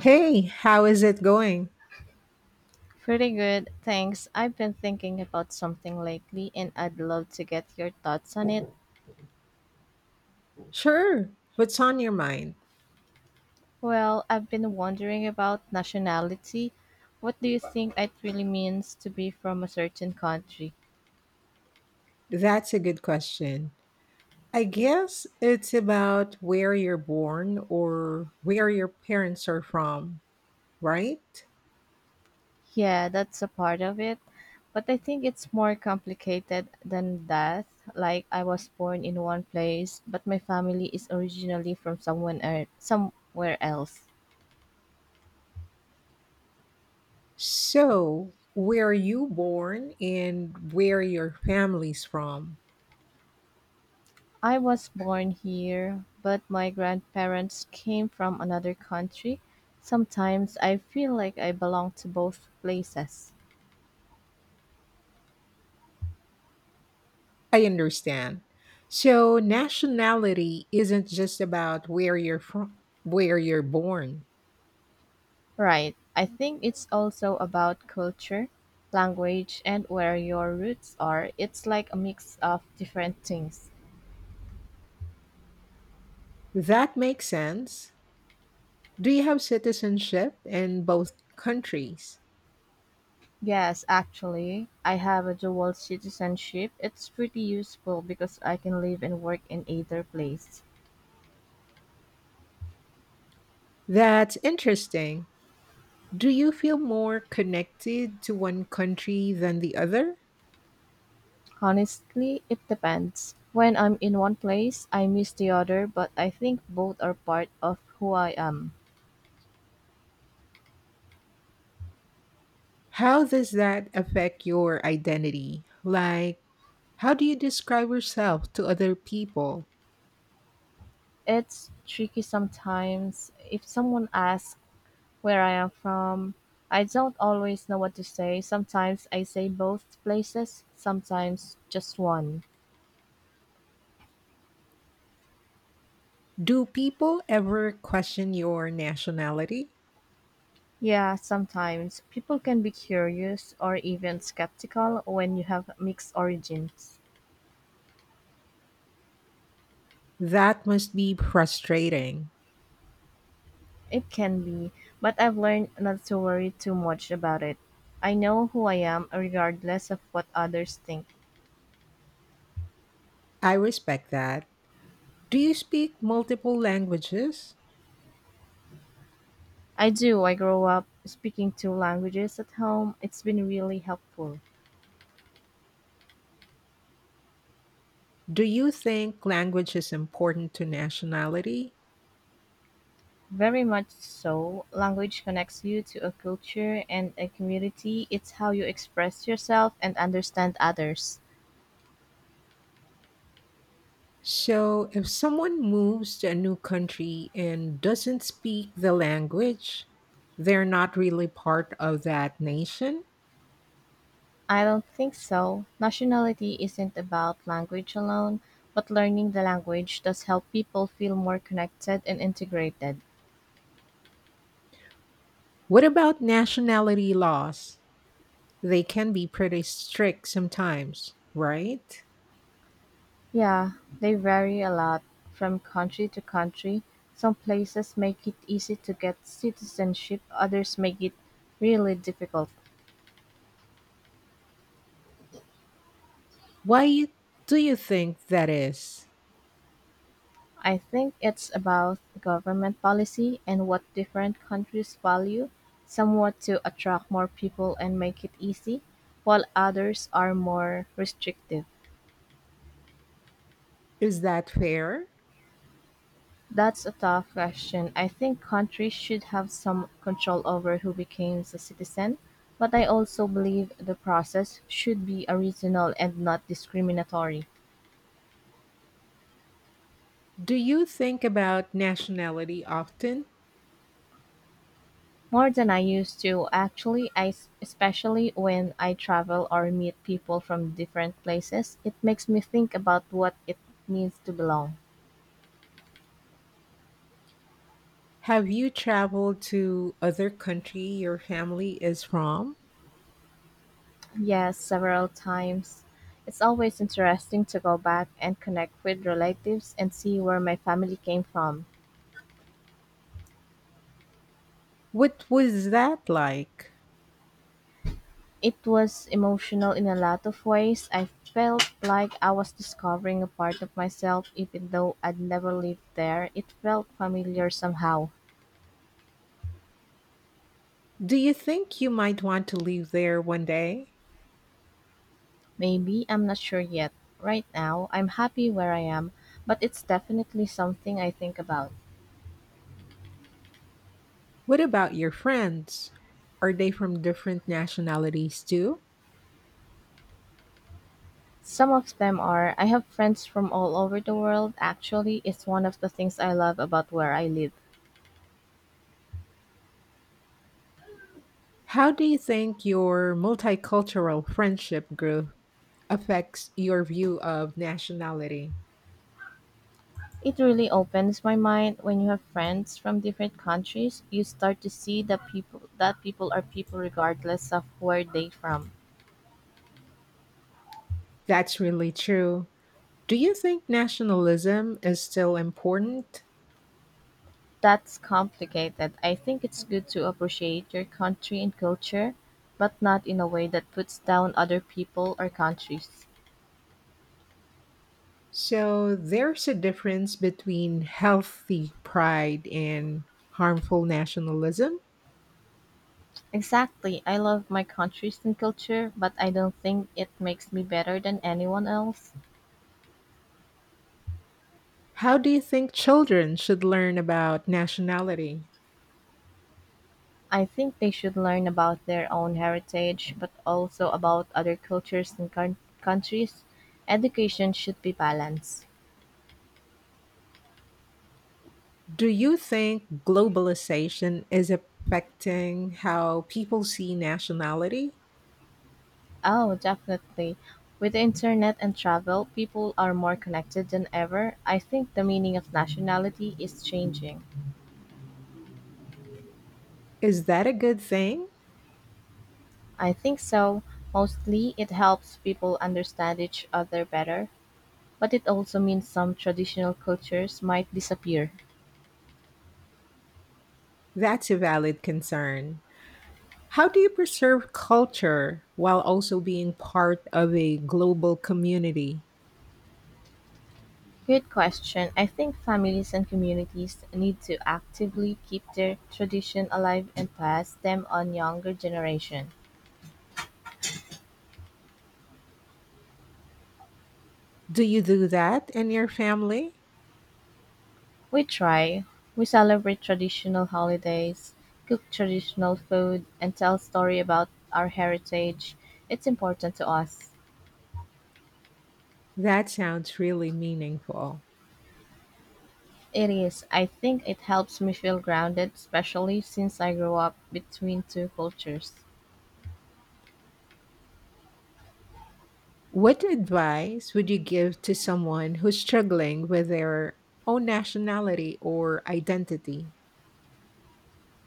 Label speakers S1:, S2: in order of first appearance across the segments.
S1: Hey, how is it going?
S2: Pretty good, thanks. I've been thinking about something lately and I'd love to get your thoughts on it.
S1: Sure. What's on your mind?
S2: Well, I've been wondering about nationality. What do you think it really means to be from a certain country?
S1: That's a good question. I guess it's about where you're born or where your parents are from, right?
S2: Yeah, that's a part of it, but I think it's more complicated than that. Like I was born in one place, but my family is originally from someone somewhere else.
S1: So, where are you born and where your family's from?
S2: I was born here, but my grandparents came from another country. Sometimes I feel like I belong to both places.
S1: I understand. So, nationality isn't just about where you're from, where you're born.
S2: Right. I think it's also about culture, language, and where your roots are. It's like a mix of different things.
S1: That makes sense. Do you have citizenship in both countries?
S2: Yes, actually, I have a dual citizenship. It's pretty useful because I can live and work in either place.
S1: That's interesting. Do you feel more connected to one country than the other?
S2: Honestly, it depends. When I'm in one place, I miss the other, but I think both are part of who I am.
S1: How does that affect your identity? Like, how do you describe yourself to other people?
S2: It's tricky sometimes. If someone asks where I am from, I don't always know what to say. Sometimes I say both places, sometimes just one.
S1: Do people ever question your nationality?
S2: Yeah, sometimes people can be curious or even skeptical when you have mixed origins.
S1: That must be frustrating.
S2: It can be, but I've learned not to worry too much about it. I know who I am regardless of what others think.
S1: I respect that. Do you speak multiple languages?
S2: I do. I grow up speaking two languages at home. It's been really helpful.
S1: Do you think language is important to nationality?
S2: Very much so. Language connects you to a culture and a community. It's how you express yourself and understand others.
S1: So, if someone moves to a new country and doesn't speak the language, they're not really part of that nation.
S2: I don't think so. Nationality isn't about language alone, but learning the language does help people feel more connected and integrated.
S1: What about nationality laws? They can be pretty strict sometimes, right?
S2: Yeah, they vary a lot from country to country. Some places make it easy to get citizenship, others make it really difficult.
S1: Why you- do you think that is?
S2: I think it's about government policy and what different countries value. Some want to attract more people and make it easy, while others are more restrictive.
S1: Is that fair?
S2: That's a tough question. I think countries should have some control over who becomes a citizen, but I also believe the process should be a reasonable and not discriminatory.
S1: Do you think about nationality often?
S2: More than I used to, actually, especially when I travel or meet people from different places, it makes me think about what it means to belong.
S1: Have you traveled to other country your family is from?
S2: Yes, several times. It's always interesting to go back and connect with relatives and see where my family came from.
S1: What was that like?
S2: It was emotional in a lot of ways. I felt like I was discovering a part of myself, even though I'd never lived there. It felt familiar somehow.
S1: Do you think you might want to live there one day?
S2: Maybe I'm not sure yet. Right now, I'm happy where I am, but it's definitely something I think about.
S1: What about your friends? Are they from different nationalities too?
S2: Some of them are. I have friends from all over the world. Actually, it's one of the things I love about where I live.
S1: How do you think your multicultural friendship group affects your view of nationality?
S2: It really opens my mind when you have friends from different countries. You start to see that people are people regardless of where they from.
S1: That's really true. Do you think nationalism is still important?
S2: That's complicated. I think it's good to appreciate your country and culture, but not in a way that puts down other people or countries.
S1: So there's a difference between healthy pride and harmful nationalism.
S2: Exactly. I love my countries and culture, but I don't think it makes me better than anyone else.
S1: How do you think children should learn about nationality?
S2: I think they should learn about their own heritage, but also about other cultures and countries. Education should be balanced.
S1: Do you think globalization is affecting how people see nationality?
S2: Oh, definitely. With the internet and travel, people are more connected than ever. I think the meaning of nationality is changing.
S1: Is that a good thing?
S2: I think so. Mostly, it helps people understand each other better, but it also means some traditional cultures might disappear.
S1: That's a valid concern. How do you preserve culture while also being part of a global community?
S2: Good question. I think families and communities need to actively keep their tradition alive and pass them on younger generation.
S1: Do you do that in your family?
S2: We try. We celebrate traditional holidays, cook traditional food, and tell story about our heritage. It's important to us.
S1: That sounds really meaningful.
S2: It is. I think it helps me feel grounded, especially since I grew up between two cultures.
S1: What advice would you give to someone who's struggling with their own nationality or identity?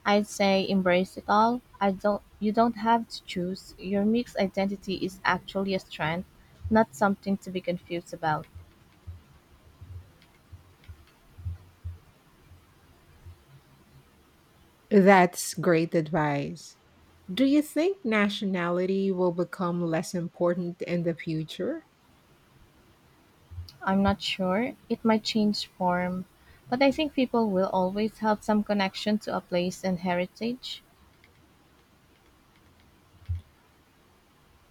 S2: I'd say embrace it all. I don't You don't have to choose. Your mixed identity is actually a strength, not something to be confused about.
S1: That's great advice. Do you think nationality will become less important in the future?
S2: I'm not sure. It might change form, but I think people will always have some connection to a place and heritage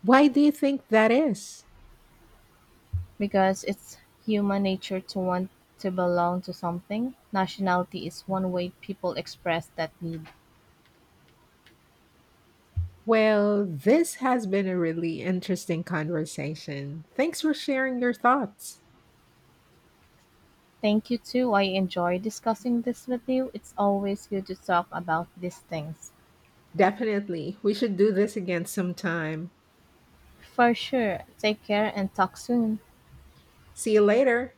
S1: Why do you think that is?
S2: because it's human nature to want to belong to something. Nationality is one way people express that need.
S1: Well, this has been a really interesting conversation. Thanks for sharing your thoughts.
S2: Thank you too. I enjoy discussing this with you. It's always good to talk about these things.
S1: Definitely, we should do this again sometime.
S2: For sure. Take care and talk soon.
S1: See you later.